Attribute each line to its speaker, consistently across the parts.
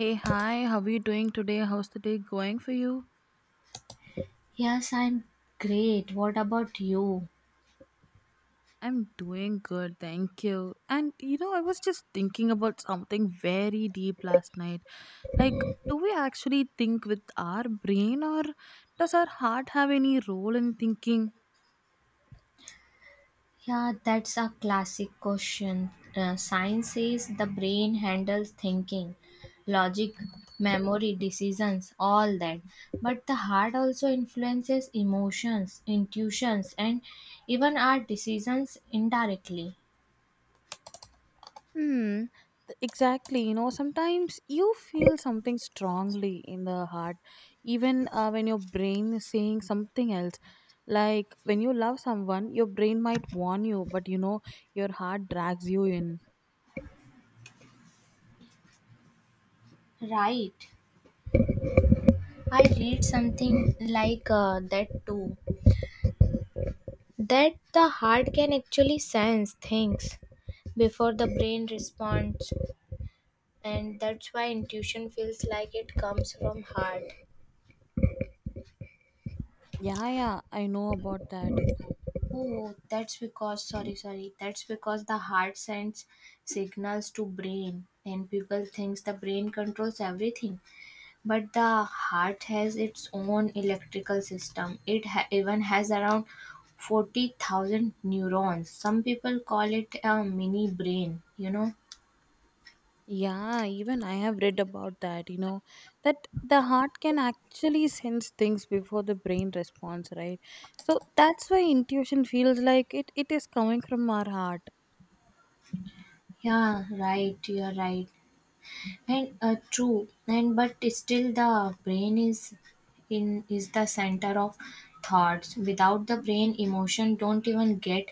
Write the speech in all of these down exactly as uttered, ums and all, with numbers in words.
Speaker 1: Hey, hi, how are you doing today? How's the day going for you?
Speaker 2: Yes, I'm great. What about you?
Speaker 1: I'm doing good, thank you. And you know, I was just thinking about something very deep last night. Like, do we actually think with our brain, or does our heart have any role in thinking?
Speaker 2: Yeah, that's a classic question. Uh, science says the brain handles thinking, logic, memory, decisions, all that. But the heart also influences emotions, intuitions, and even our decisions indirectly.
Speaker 1: Hmm. th- Exactly. You know, sometimes you feel something strongly in the heart, even uh, when your brain is saying something else. Like when you love someone, your brain might warn you, but you know, your heart drags you in.
Speaker 2: Right. I read something like uh, that too. That the heart can actually sense things before the brain responds. And that's why intuition feels like it comes from heart.
Speaker 1: Yeah, yeah, I know about that.
Speaker 2: Oh, that's because sorry, sorry. That's because the heart sends signals to brain and people thinks the brain controls everything, but the heart has its own electrical system. It ha- even has around forty thousand neurons. Some people call it a mini brain, you know?
Speaker 1: Yeah, even I have read about that, you know, that the heart can actually sense things before the brain responds, right? So that's why intuition feels like it, it is coming from our heart.
Speaker 2: Yeah, right, you're right. And uh, true, and but still the brain is in is the center of thoughts. Without the brain, emotion don't even get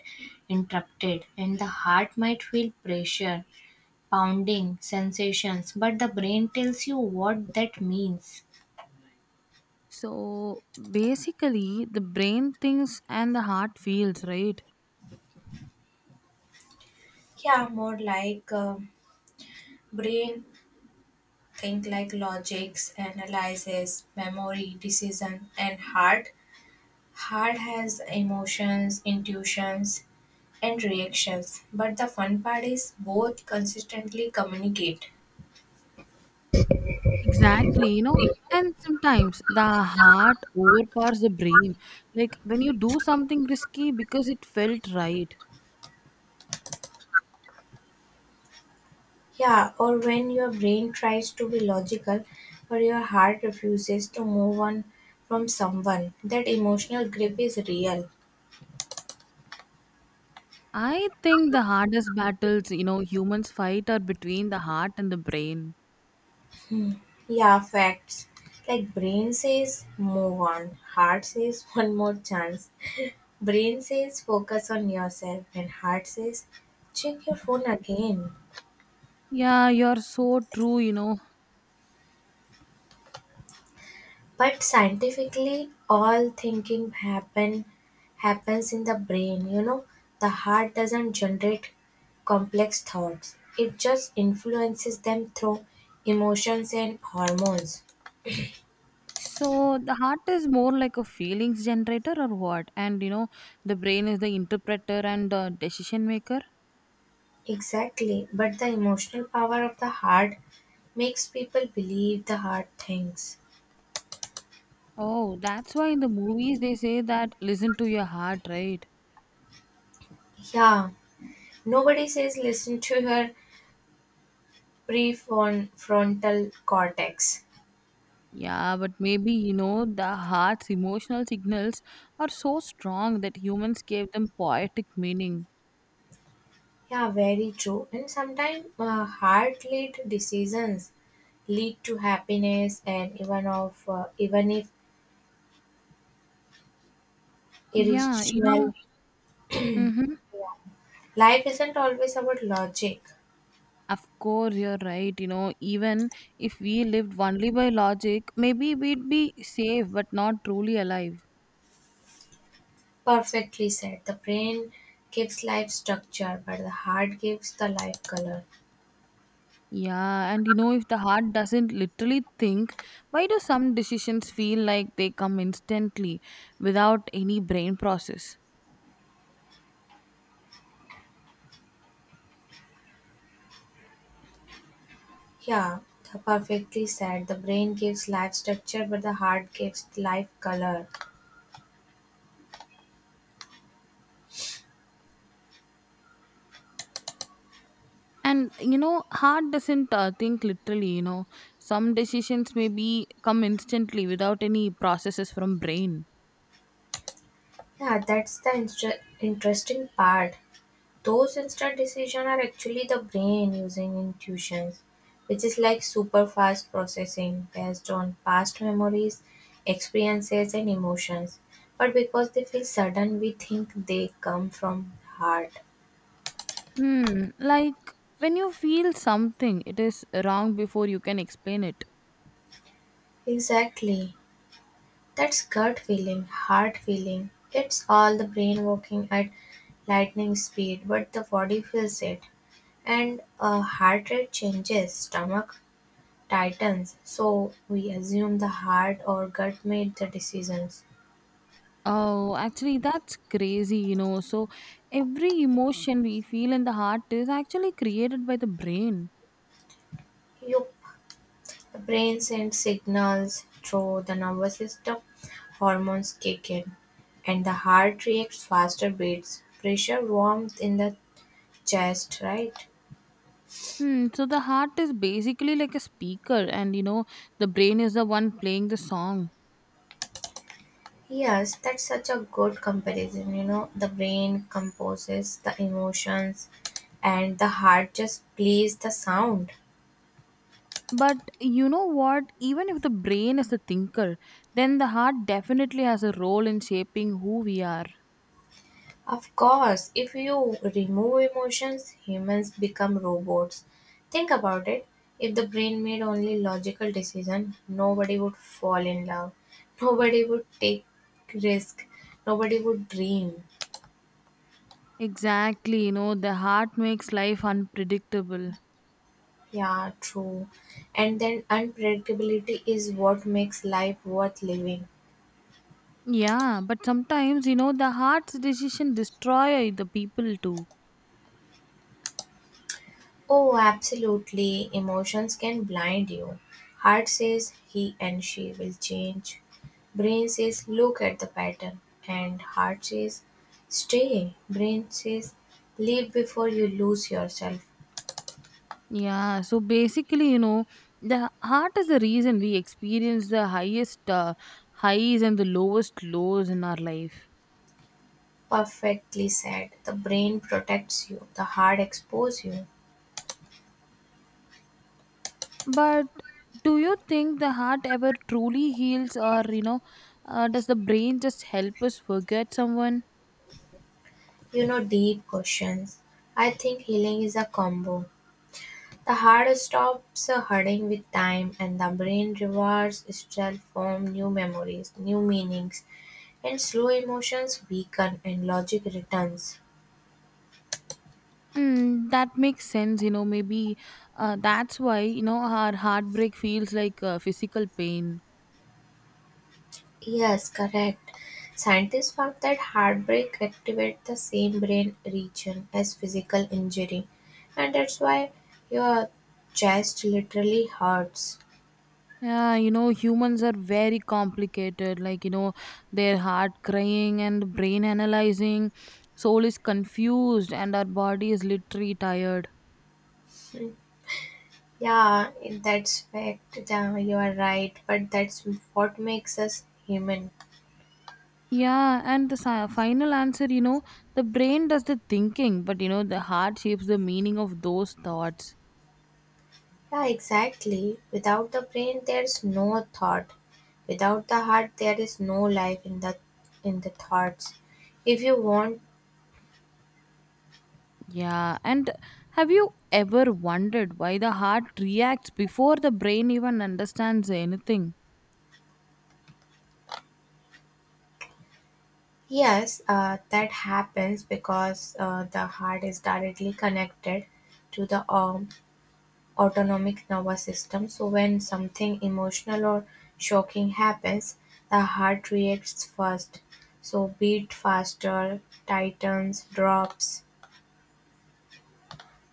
Speaker 2: interrupted, and the heart might feel pressure, pounding sensations, but the brain tells you what that means.
Speaker 1: So basically, the brain thinks and the heart feels, right?
Speaker 2: Yeah, more like um, brain think like logics, analysis, memory, decision, and heart. Heart has emotions, intuitions, and reactions, but the fun part is both consistently communicate.
Speaker 1: Exactly, you know, and sometimes the heart overpowers the brain. Like when you do something risky because it felt right.
Speaker 2: Yeah, or when your brain tries to be logical but your heart refuses to move on from someone, that emotional grip is real.
Speaker 1: I think the hardest battles, you know, humans fight are between the heart and the brain.
Speaker 2: Yeah, facts. Like brain says move on, heart says one more chance. Brain says focus on yourself and heart says check your phone again.
Speaker 1: Yeah, you're so true, you know.
Speaker 2: But scientifically, all thinking happen happens in the brain. You know, the heart doesn't generate complex thoughts. It just influences them through emotions and hormones.
Speaker 1: So the heart is more like a feelings generator or what? And you know, the brain is the interpreter and the decision maker.
Speaker 2: Exactly. But the emotional power of the heart makes people believe the heart thinks.
Speaker 1: Oh, that's why in the movies they say that listen to your heart, right?
Speaker 2: Yeah, nobody says listen to your prefrontal cortex.
Speaker 1: Yeah, but maybe you know the heart's emotional signals are so strong that humans gave them poetic meaning.
Speaker 2: Yeah, very true. And sometimes uh, heart lead decisions lead to happiness and even of uh, even if
Speaker 1: Yeah, you
Speaker 2: irrational
Speaker 1: know, mm-hmm.
Speaker 2: life isn't always about logic.
Speaker 1: Of course, you're right. You know, even if we lived only by logic, maybe we'd be safe but not truly alive.
Speaker 2: Perfectly said, the brain gives life structure but the heart gives the life color.
Speaker 1: Yeah, and you know, if the heart doesn't literally think, why do some decisions feel like they come instantly without any brain process?
Speaker 2: Yeah, the perfectly said the brain gives life structure but the heart gives life color.
Speaker 1: And you know heart doesn't uh, think literally, you know, some decisions maybe come instantly without any processes from brain.
Speaker 2: Yeah, that's the inter- interesting part. Those instant decisions are actually the brain using intuitions, which is like super fast processing based on past memories, experiences, and emotions. But because they feel sudden, we think they come from heart.
Speaker 1: Hmm. Like when you feel something, it is wrong before you can explain it.
Speaker 2: Exactly. That's gut feeling, heart feeling. It's all the brain working at lightning speed, but the body feels it. And uh, heart rate changes, stomach titans, so we assume the heart or gut made the decisions.
Speaker 1: Oh, actually, that's crazy, you know. So, every emotion we feel in the heart is actually created by the brain.
Speaker 2: Yup, the brain sends signals through the nervous system, hormones kick in, and the heart reacts faster beats, pressure, warmth in the chest, right?
Speaker 1: Hmm, so, the heart is basically like a speaker, and you know, the brain is the one playing the song.
Speaker 2: Yes, that's such a good comparison. You know, the brain composes the emotions, and the heart just plays the sound.
Speaker 1: But you know what? Even if the brain is the thinker, then the heart definitely has a role in shaping who we are.
Speaker 2: Of course, if you remove emotions, humans become robots. Think about it. If the brain made only logical decisions, nobody would fall in love. Nobody would take risk. Nobody would dream.
Speaker 1: Exactly, you know, the heart makes life unpredictable.
Speaker 2: Yeah, true. And then unpredictability is what makes life worth living.
Speaker 1: Yeah, but sometimes, you know, the heart's decision destroy the people too.
Speaker 2: Oh, absolutely. Emotions can blind you. Heart says he and she will change. Brain says look at the pattern. And heart says stay. Brain says leave before you lose yourself.
Speaker 1: Yeah, so basically, you know, the heart is the reason we experience the highest uh, highs and the lowest lows in our life.
Speaker 2: Perfectly said. The brain protects you, the heart exposes you.
Speaker 1: But do you think the heart ever truly heals, or you know, uh, does the brain just help us forget someone?
Speaker 2: You know, deep questions. I think healing is a combo. The heart stops hurting with time, and the brain rewards itself from new memories, new meanings, and slow emotions weaken and logic returns.
Speaker 1: Mm, that makes sense, you know. Maybe uh, that's why you know our heartbreak feels like uh, physical pain.
Speaker 2: Yes, correct. Scientists found that heartbreak activates the same brain region as physical injury, and that's why your chest literally hurts.
Speaker 1: Yeah, you know, humans are very complicated. Like you know, their heart crying and brain analyzing, soul is confused, and our body is literally tired.
Speaker 2: Hmm. Yeah, that's fact. Yeah, you are right, but that's what makes us human.
Speaker 1: Yeah, and the si- final answer, you know, the brain does the thinking, but you know, the heart shapes the meaning of those thoughts.
Speaker 2: Yeah, exactly. Without the brain, there's no thought. Without the heart, there is no life in the in the thoughts. If you want,
Speaker 1: Yeah, and have you ever wondered why the heart reacts before the brain even understands anything?
Speaker 2: yes, uh, that happens because uh, the heart is directly connected to the um, autonomic nervous system. So when something emotional or shocking happens, the heart reacts first. So beat faster, tightens, drops.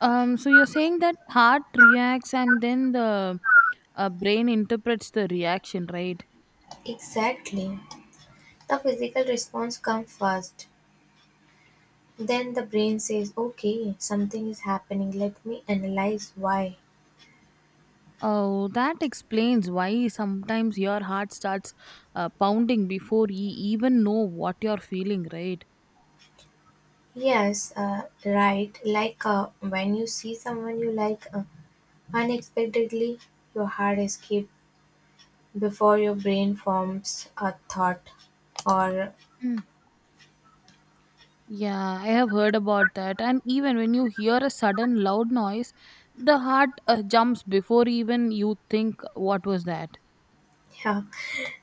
Speaker 1: Um, so you're saying that heart reacts and then the uh, brain interprets the reaction, right?
Speaker 2: Exactly. The physical response comes first, then the brain says, okay, something is happening, let me analyze why.
Speaker 1: Oh, that explains why sometimes your heart starts uh, pounding before you even know what you're feeling, right?
Speaker 2: Yes, uh, right, like uh, when you see someone you like uh, unexpectedly, your heart skips before your brain forms a thought or
Speaker 1: Yeah, I have heard about that. And even when you hear a sudden loud noise, the heart uh, jumps before even you think what was that.
Speaker 2: yeah,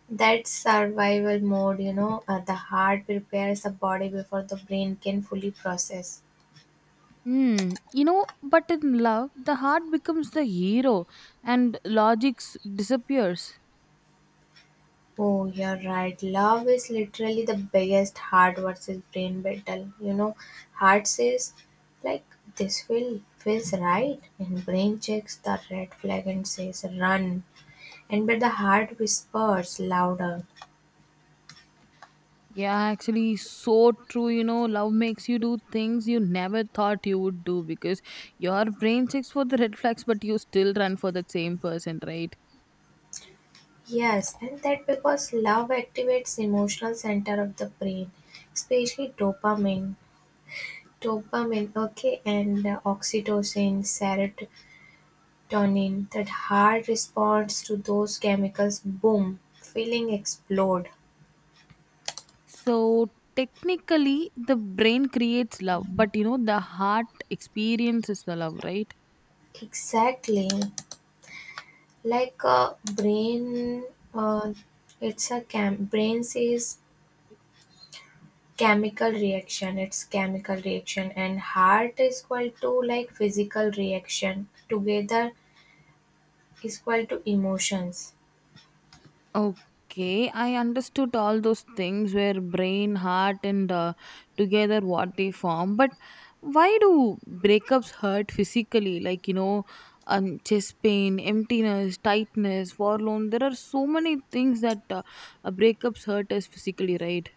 Speaker 2: that survival mode, you know, uh, the heart prepares the body before the brain can fully process.
Speaker 1: Hmm. You know, but in love, the heart becomes the hero and logic s- disappears.
Speaker 2: Oh, you're right. Love is literally the biggest heart versus brain battle. You know, heart says, like, this will feels right, and brain checks the red flag and says, run. And but the heart whispers louder.
Speaker 1: Yeah, actually, so true. You know, love makes you do things you never thought you would do because your brain checks for the red flags, but you still run for the same person, right?
Speaker 2: Yes, and that because love activates emotional center of the brain, especially dopamine, dopamine, okay, and uh, oxytocin, serot Tonin that hard responds to those chemicals boom, feeling explode.
Speaker 1: So technically, the brain creates love, but you know, the heart experiences the love, right?
Speaker 2: Exactly. Like a brain, uh, it's a chem- brain says chemical reaction, it's chemical reaction, and heart is equal to like physical reaction. Together is equal to emotions.
Speaker 1: Okay, I understood all those things where brain, heart, and uh, together what they form. But why do breakups hurt physically? Like, you know, um, chest pain, emptiness, tightness, forlorn. There are so many things that uh, uh, breakups hurt us physically, right?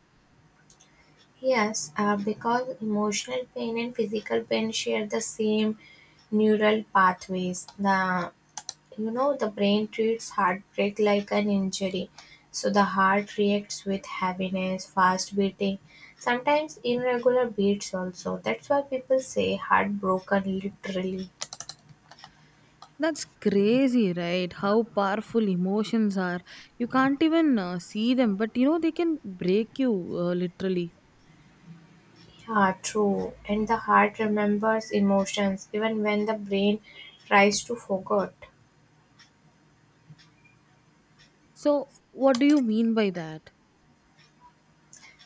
Speaker 2: Yes, uh, because emotional pain and physical pain share the same neural pathways. The you know the brain treats heartbreak like an injury so the heart reacts with heaviness fast beating sometimes irregular beats also that's why people say heartbroken literally.
Speaker 1: That's crazy, right? How powerful emotions are. You can't even uh, see them, but you know, they can break you uh, literally.
Speaker 2: Yeah true and the heart remembers emotions even when the brain tries to forget.
Speaker 1: So, what do you mean by that?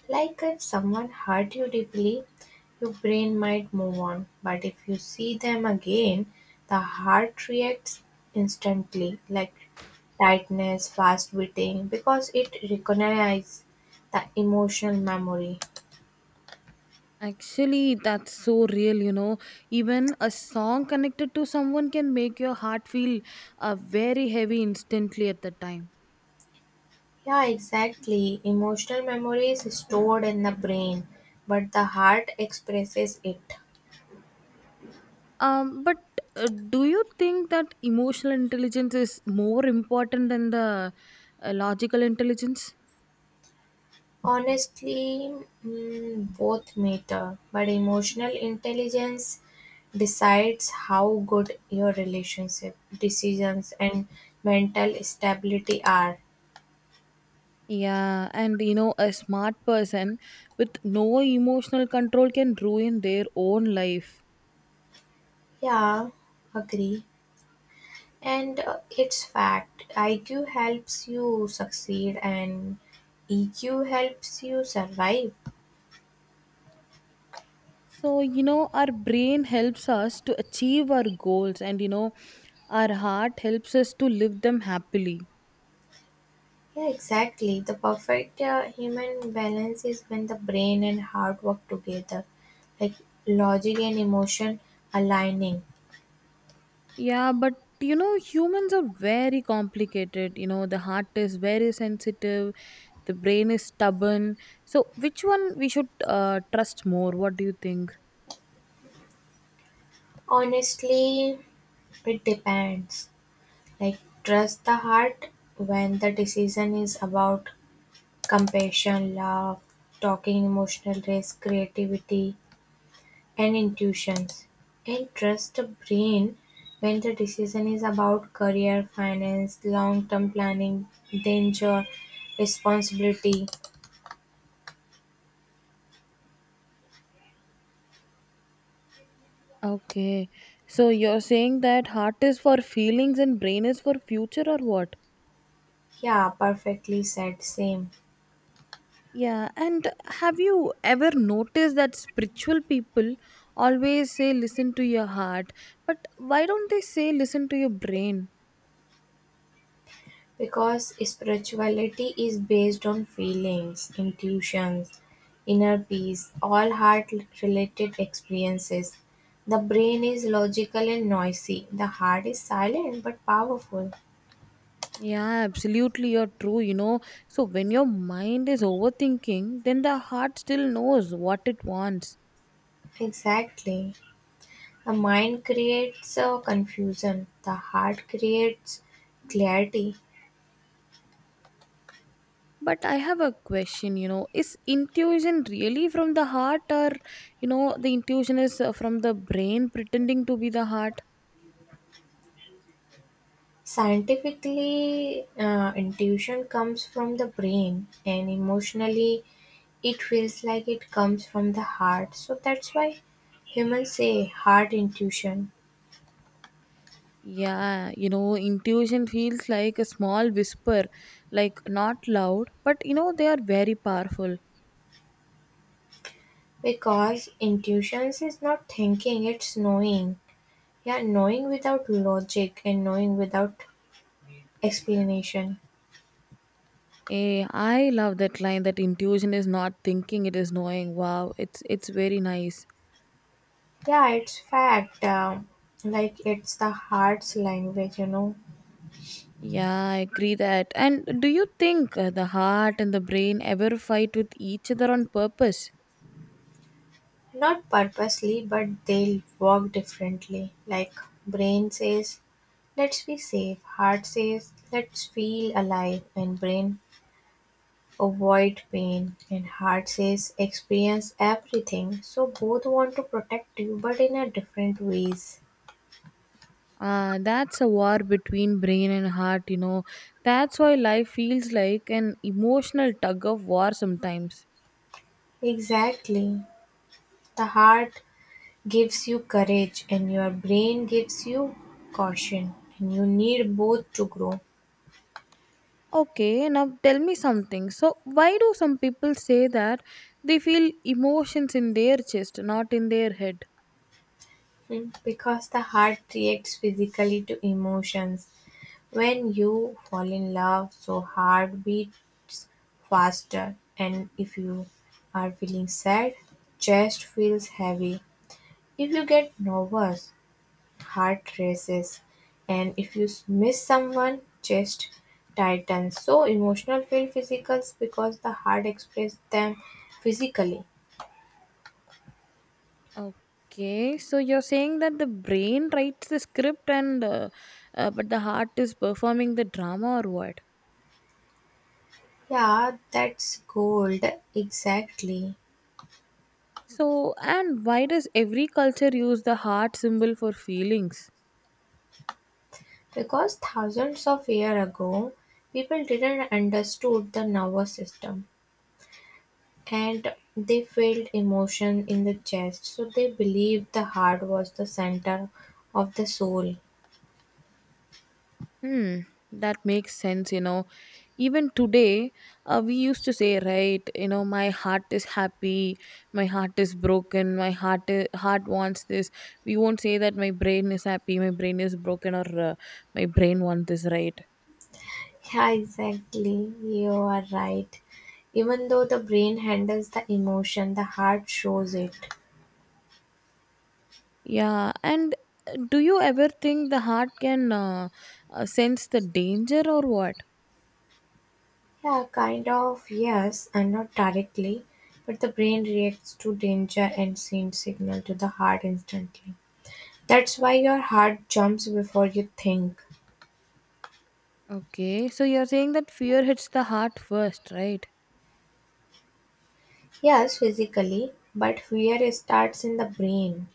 Speaker 2: Like if someone hurt you deeply your brain might move on but if you see them again the heart reacts instantly like tightness, fast witting, because it recognizes the emotional memory.
Speaker 1: Actually, that's so real, you know. Even a song connected to someone can make your heart feel uh, very heavy instantly at the time.
Speaker 2: Yeah, exactly. Emotional memory is stored in the brain, but the heart expresses it.
Speaker 1: Um, but uh, do you think that emotional intelligence is more important than the uh, logical intelligence?
Speaker 2: Honestly, mm, both matter, but emotional intelligence decides how good your relationship decisions and mental stability are.
Speaker 1: Yeah, and you know, a smart person with no emotional control can ruin their own life.
Speaker 2: Yeah, agree. And uh, it's fact. I Q helps you succeed and E Q helps you survive.
Speaker 1: So, you know, our brain helps us to achieve our goals, and you know, our heart helps us to live them happily.
Speaker 2: Yeah, exactly. The perfect uh, human balance is when the brain and heart work together, like logic and emotion aligning.
Speaker 1: Yeah, but you know, humans are very complicated. You know, the heart is very sensitive, the brain is stubborn. So, which one we should uh, trust more? What do you think?
Speaker 2: Honestly, it depends. Like, trust the heart when the decision is about compassion, love, talking, emotional risk, creativity, and intuitions, and trust the brain when the decision is about career, finance, long term planning, danger, responsibility.
Speaker 1: Okay. So you're saying that heart is for feelings and brain is for future or what?
Speaker 2: Yeah, perfectly said, same.
Speaker 1: Yeah, and have you ever noticed that spiritual people always say listen to your heart, but why don't they say listen to your brain?
Speaker 2: Because spirituality is based on feelings, intuitions, inner peace, all heart related experiences. The brain is logical and noisy, the heart is silent but powerful.
Speaker 1: Yeah, absolutely, you're true, you know. So when your mind is overthinking, then the heart still knows what it wants.
Speaker 2: Exactly. The mind creates uh, confusion, the heart creates clarity.
Speaker 1: But I have a question, you know, is intuition really from the heart, or you know, the intuition is uh, from the brain pretending to be the heart?
Speaker 2: Scientifically, uh, intuition comes from the brain, and emotionally, it feels like it comes from the heart. So that's why humans say heart intuition
Speaker 1: Yeah, you know, intuition feels like a small whisper, like not loud, but you know, they are very powerful.
Speaker 2: because intuition is not thinking, it's knowing. Yeah, knowing without logic and knowing without explanation.
Speaker 1: Eh, I love that line that intuition is not thinking, it is knowing. Wow, it's it's very nice.
Speaker 2: Yeah, it's fact. Um, like it's the heart's language, you know.
Speaker 1: Yeah, I agree that. And do you think uh, the heart and the brain ever fight with each other on purpose?
Speaker 2: Not purposely, but they work differently. Like brain says, "Let's be safe." Heart says, "Let's feel alive." And brain avoid pain. And heart says, "Experience everything." So both want to protect you, but in a different ways.
Speaker 1: Ah, that's a war between brain and heart, you know. That's why life feels like an emotional tug of war sometimes.
Speaker 2: Exactly. The heart gives you courage, and your brain gives you caution. And you need both to grow.
Speaker 1: Okay, now tell me something. So, why do some people say that they feel emotions in their chest, not in their head?
Speaker 2: Mm, Because the heart reacts physically to emotions. When you fall in love, so heart beats faster, and if you are feeling sad, chest feels heavy. If you get nervous, heart races, and if you s- miss someone, chest tightens. So emotional feel physical because the heart expresses them physically.
Speaker 1: Okay, so you're saying that the brain writes the script and uh, uh, but the heart is performing the drama or what?
Speaker 2: Yeah, that's gold. Exactly.
Speaker 1: So, and why does every culture use the heart symbol for feelings?
Speaker 2: Because thousands of years ago people didn't understood the nervous system and they felt emotion in the chest so they believed the heart was the center of the soul.
Speaker 1: Hmm, that makes sense, you know. Even today, uh, we used to say, right, you know, my heart is happy, my heart is broken, my heart i- heart wants this. We won't say that my brain is happy, my brain is broken, or uh, my brain wants this, right?
Speaker 2: Yeah, exactly. You are right. Even though the brain handles the emotion, the heart shows it.
Speaker 1: Yeah, and uh, do you ever think the heart can uh, uh, sense the danger or what?
Speaker 2: Yeah, kind of, yes, and not directly, but the brain reacts to danger and sends signal to the heart instantly. That's why your heart jumps before you think.
Speaker 1: Okay, so you're saying that fear hits the heart first, right?
Speaker 2: Yes, physically, but fear starts in the brain.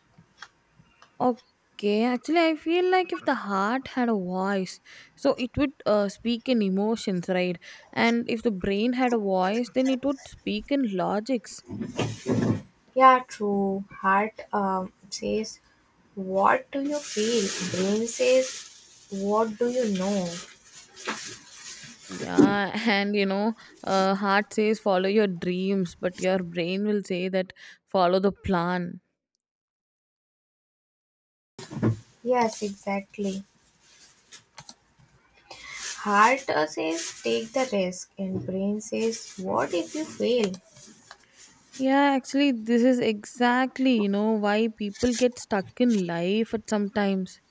Speaker 1: Okay, actually, I feel like if the heart had a voice, so it would uh, speak in emotions, right? And if the brain had a voice, then it would speak in logics.
Speaker 2: Yeah, true. Heart um, says, what do you feel? Brain says, what do you know?
Speaker 1: Yeah, and you know, uh, heart says follow your dreams, but your brain will say that follow the plan.
Speaker 2: Yes, exactly. Heart uh, says, take the risk, and brain says, what if you fail?
Speaker 1: Yeah, actually, this is exactly, you know, why people get stuck in life at sometimes.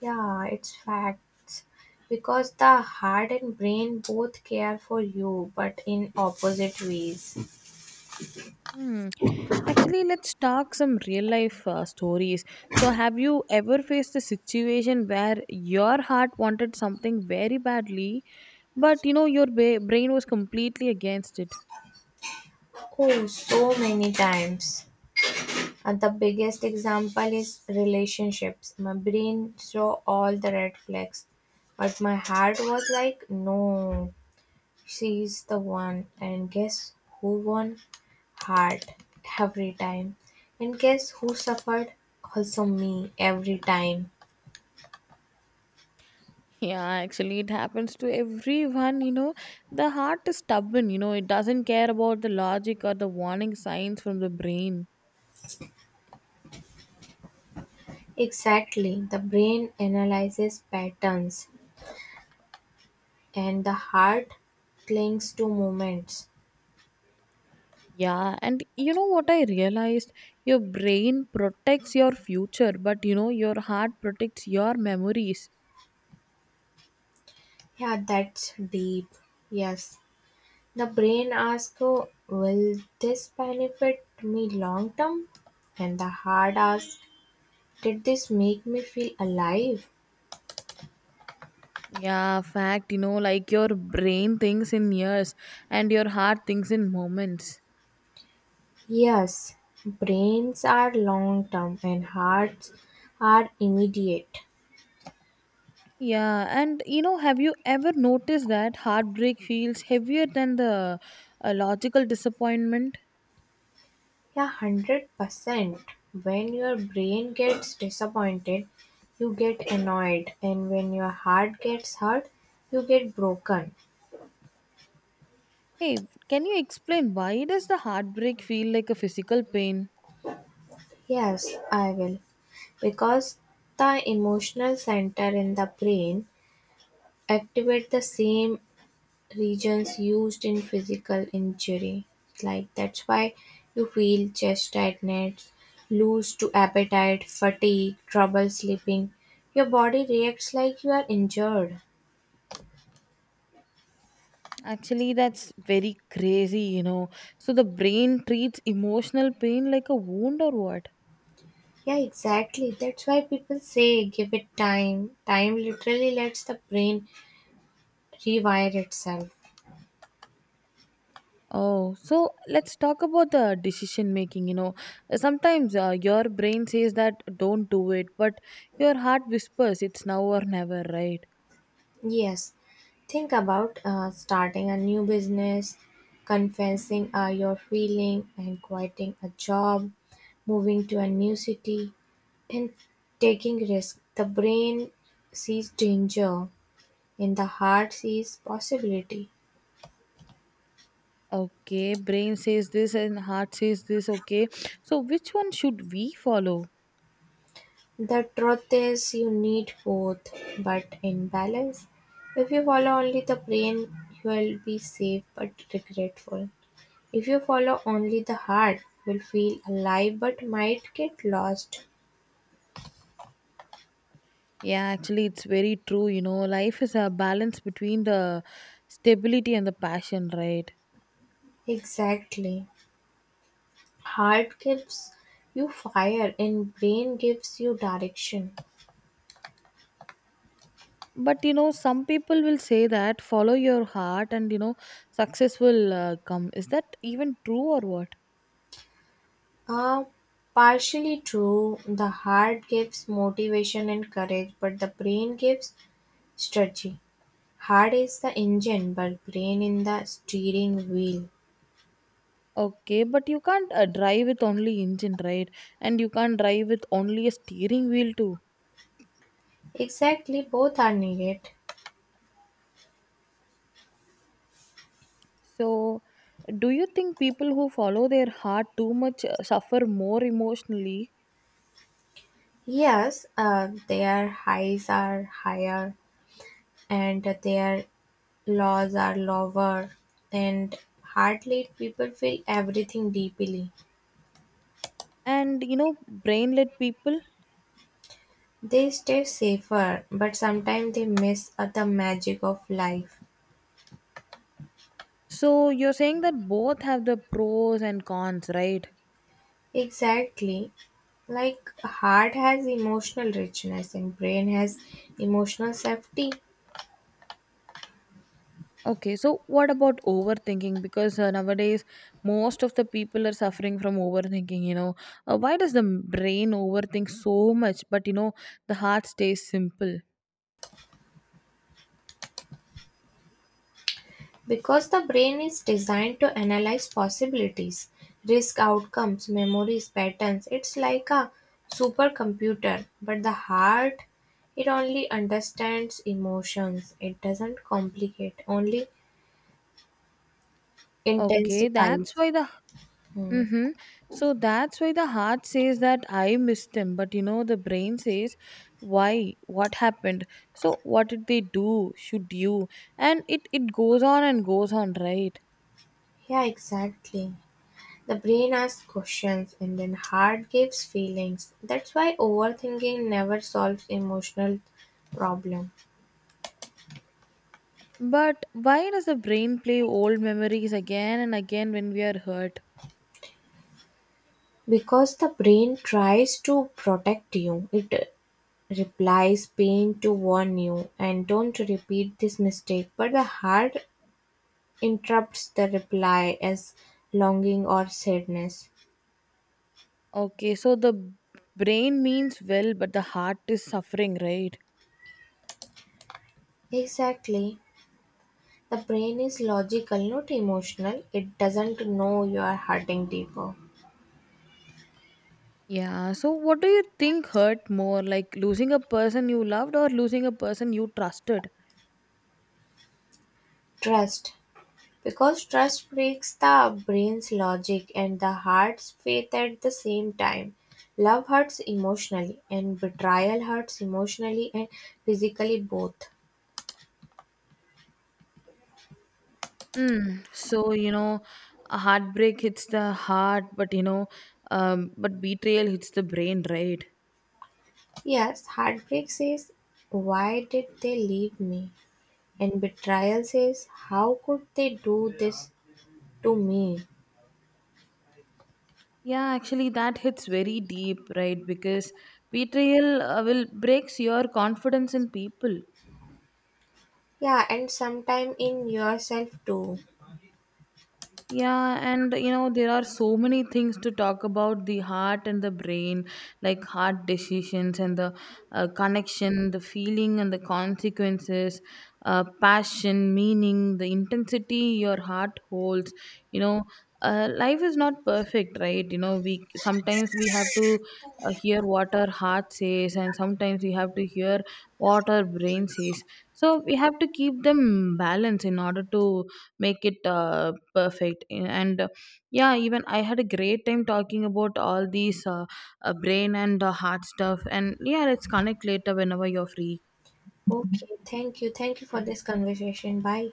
Speaker 2: Yeah, it's facts. Because the heart and brain both care for you, but in opposite ways.
Speaker 1: Hmm. Actually, let's talk some real life uh, stories. So, have you ever faced a situation where your heart wanted something very badly, but you know your ba- brain was completely against it?
Speaker 2: Oh, so many times. Uh, the biggest example is relationships. My brain saw all the red flags, but my heart was like, no, she's the one. And guess who won? Heart every time. And guess who suffered? Also, me every time.
Speaker 1: Yeah, actually, it happens to everyone. You know, the heart is stubborn. You know, it doesn't care about the logic or the warning signs from the brain.
Speaker 2: Exactly. The brain analyzes patterns, and the heart clings to moments.
Speaker 1: Yeah, and you know what I realized? Your brain protects your future, but you know, your heart protects your memories.
Speaker 2: Yeah, that's deep. Yes. The brain asks, "Oh, will this benefit me long term?" And the heart asks, did this make me feel alive?
Speaker 1: Yeah, fact, you know, like your brain thinks in years and your heart thinks in moments.
Speaker 2: Yes, brains are long term and hearts are immediate.
Speaker 1: Yeah, and you know, have you ever noticed that heartbreak feels heavier than the uh, logical disappointment?
Speaker 2: Yeah, one hundred percent. When your brain gets disappointed, you get annoyed, and when your heart gets hurt, you get broken.
Speaker 1: Hey, can you explain why does the heartbreak feel like a physical pain?
Speaker 2: Yes, I will. Because the emotional center in the brain activate the same regions used in physical injury. Like that's why you feel chest tightness, lose to appetite, fatigue, trouble sleeping. Your body reacts like you are injured.
Speaker 1: Actually, that's very crazy, you know. So the brain treats emotional pain like a wound or what?
Speaker 2: Yeah, exactly. That's why people say give it time. Time literally lets the brain rewire itself.
Speaker 1: Oh, so let's talk about the decision making. You know, sometimes uh, your brain says that don't do it, but your heart whispers it's now or never, right?
Speaker 2: Yes, think about uh, starting a new business, confessing uh, your feeling, and quitting a job, moving to a new city, and taking risk. The brain sees danger, and the heart sees possibility.
Speaker 1: Okay, brain says this and heart says this. Okay, so which one should we follow?
Speaker 2: The truth is, you need both, but in balance. If you follow only the brain, you will be safe but regretful. If you follow only the heart will feel alive but might get lost.
Speaker 1: Yeah, actually, it's very true. You know, life is a balance between the stability and the passion, right?
Speaker 2: Exactly. Heart gives you fire and brain gives you direction.
Speaker 1: But you know, some people will say that follow your heart and you know, success will uh, come. Is that even true or what?
Speaker 2: Uh, partially true. The heart gives motivation and courage, but the brain gives strategy. Heart is the engine, but brain in the steering wheel.
Speaker 1: Okay, but you can't uh, drive with only engine, right? And you can't drive with only a steering wheel too.
Speaker 2: Exactly, both are needed.
Speaker 1: So, do you think people who follow their heart too much uh, suffer more emotionally
Speaker 2: Yes, uh, their highs are higher and their laws are lower and hard let people feel everything deeply.
Speaker 1: and you know brain people?
Speaker 2: They stay safer, but sometimes they miss uh, the magic of life.
Speaker 1: So, you're saying that both have the pros and cons, right?
Speaker 2: Exactly. Like heart has emotional richness and brain has emotional safety.
Speaker 1: Okay, so what about overthinking? Because uh, nowadays most of the people are suffering from overthinking, you know. Uh, why does the brain overthink so much, but you know, the heart stays simple?
Speaker 2: Because the brain is designed to analyze possibilities, risk outcomes, memories, patterns, it's like a supercomputer. But the heart, it only understands emotions, it doesn't complicate, only
Speaker 1: Okay,
Speaker 2: intensifies.
Speaker 1: that's why the
Speaker 2: Hmm.
Speaker 1: mm-hmm. So that's why the heart says that I missed him, but you know the brain says, why? What happened? So what did they do? Should you? And it it goes on and goes on, right?
Speaker 2: Yeah, exactly. The brain asks questions and then heart gives feelings. That's why overthinking never solves emotional problem
Speaker 1: But why does the brain play old memories again and again when we are hurt?
Speaker 2: because the brain tries to protect you. It replies, pain to warn you and don't repeat this mistake. But the heart interrupts the reply as longing or sadness.
Speaker 1: Okay, so the b- brain means well, but the heart is suffering, right?
Speaker 2: Exactly. The brain is logical, not emotional. It doesn't know you are hurting deeper.
Speaker 1: Yeah, so what do you think hurt more, like losing a person you loved or losing a person you trusted?
Speaker 2: Trust. Because trust breaks the brain's logic and the heart's faith at the same time. Love hurts emotionally, and betrayal hurts emotionally and physically both.
Speaker 1: Mm, so you know, a heartbreak hits the heart, but you know, um, but betrayal hits the brain, right?
Speaker 2: Yes, heartbreak says, why did they leave me? And betrayal says, how could they do this to me?
Speaker 1: Yeah, actually, that hits very deep, right? Because betrayal uh, will breaks your confidence in people.
Speaker 2: Yeah, and sometime in yourself too.
Speaker 1: Yeah, and you know, there are so many things to talk about the heart and the brain, like heart decisions and the uh, connection, the feeling and the consequences, uh, passion, meaning, the intensity your heart holds. You know, uh, life is not perfect, right? You know, we sometimes we have to uh, hear what our heart says, and sometimes we have to hear what our brain says. So we have to keep them balanced in order to make it. Uh, perfect and uh, yeah even I had a great time talking about all these uh, uh, brain and uh, heart stuff, and yeah, let's connect later whenever you're free.
Speaker 2: Okay, thank you. Thank you for this conversation. Bye.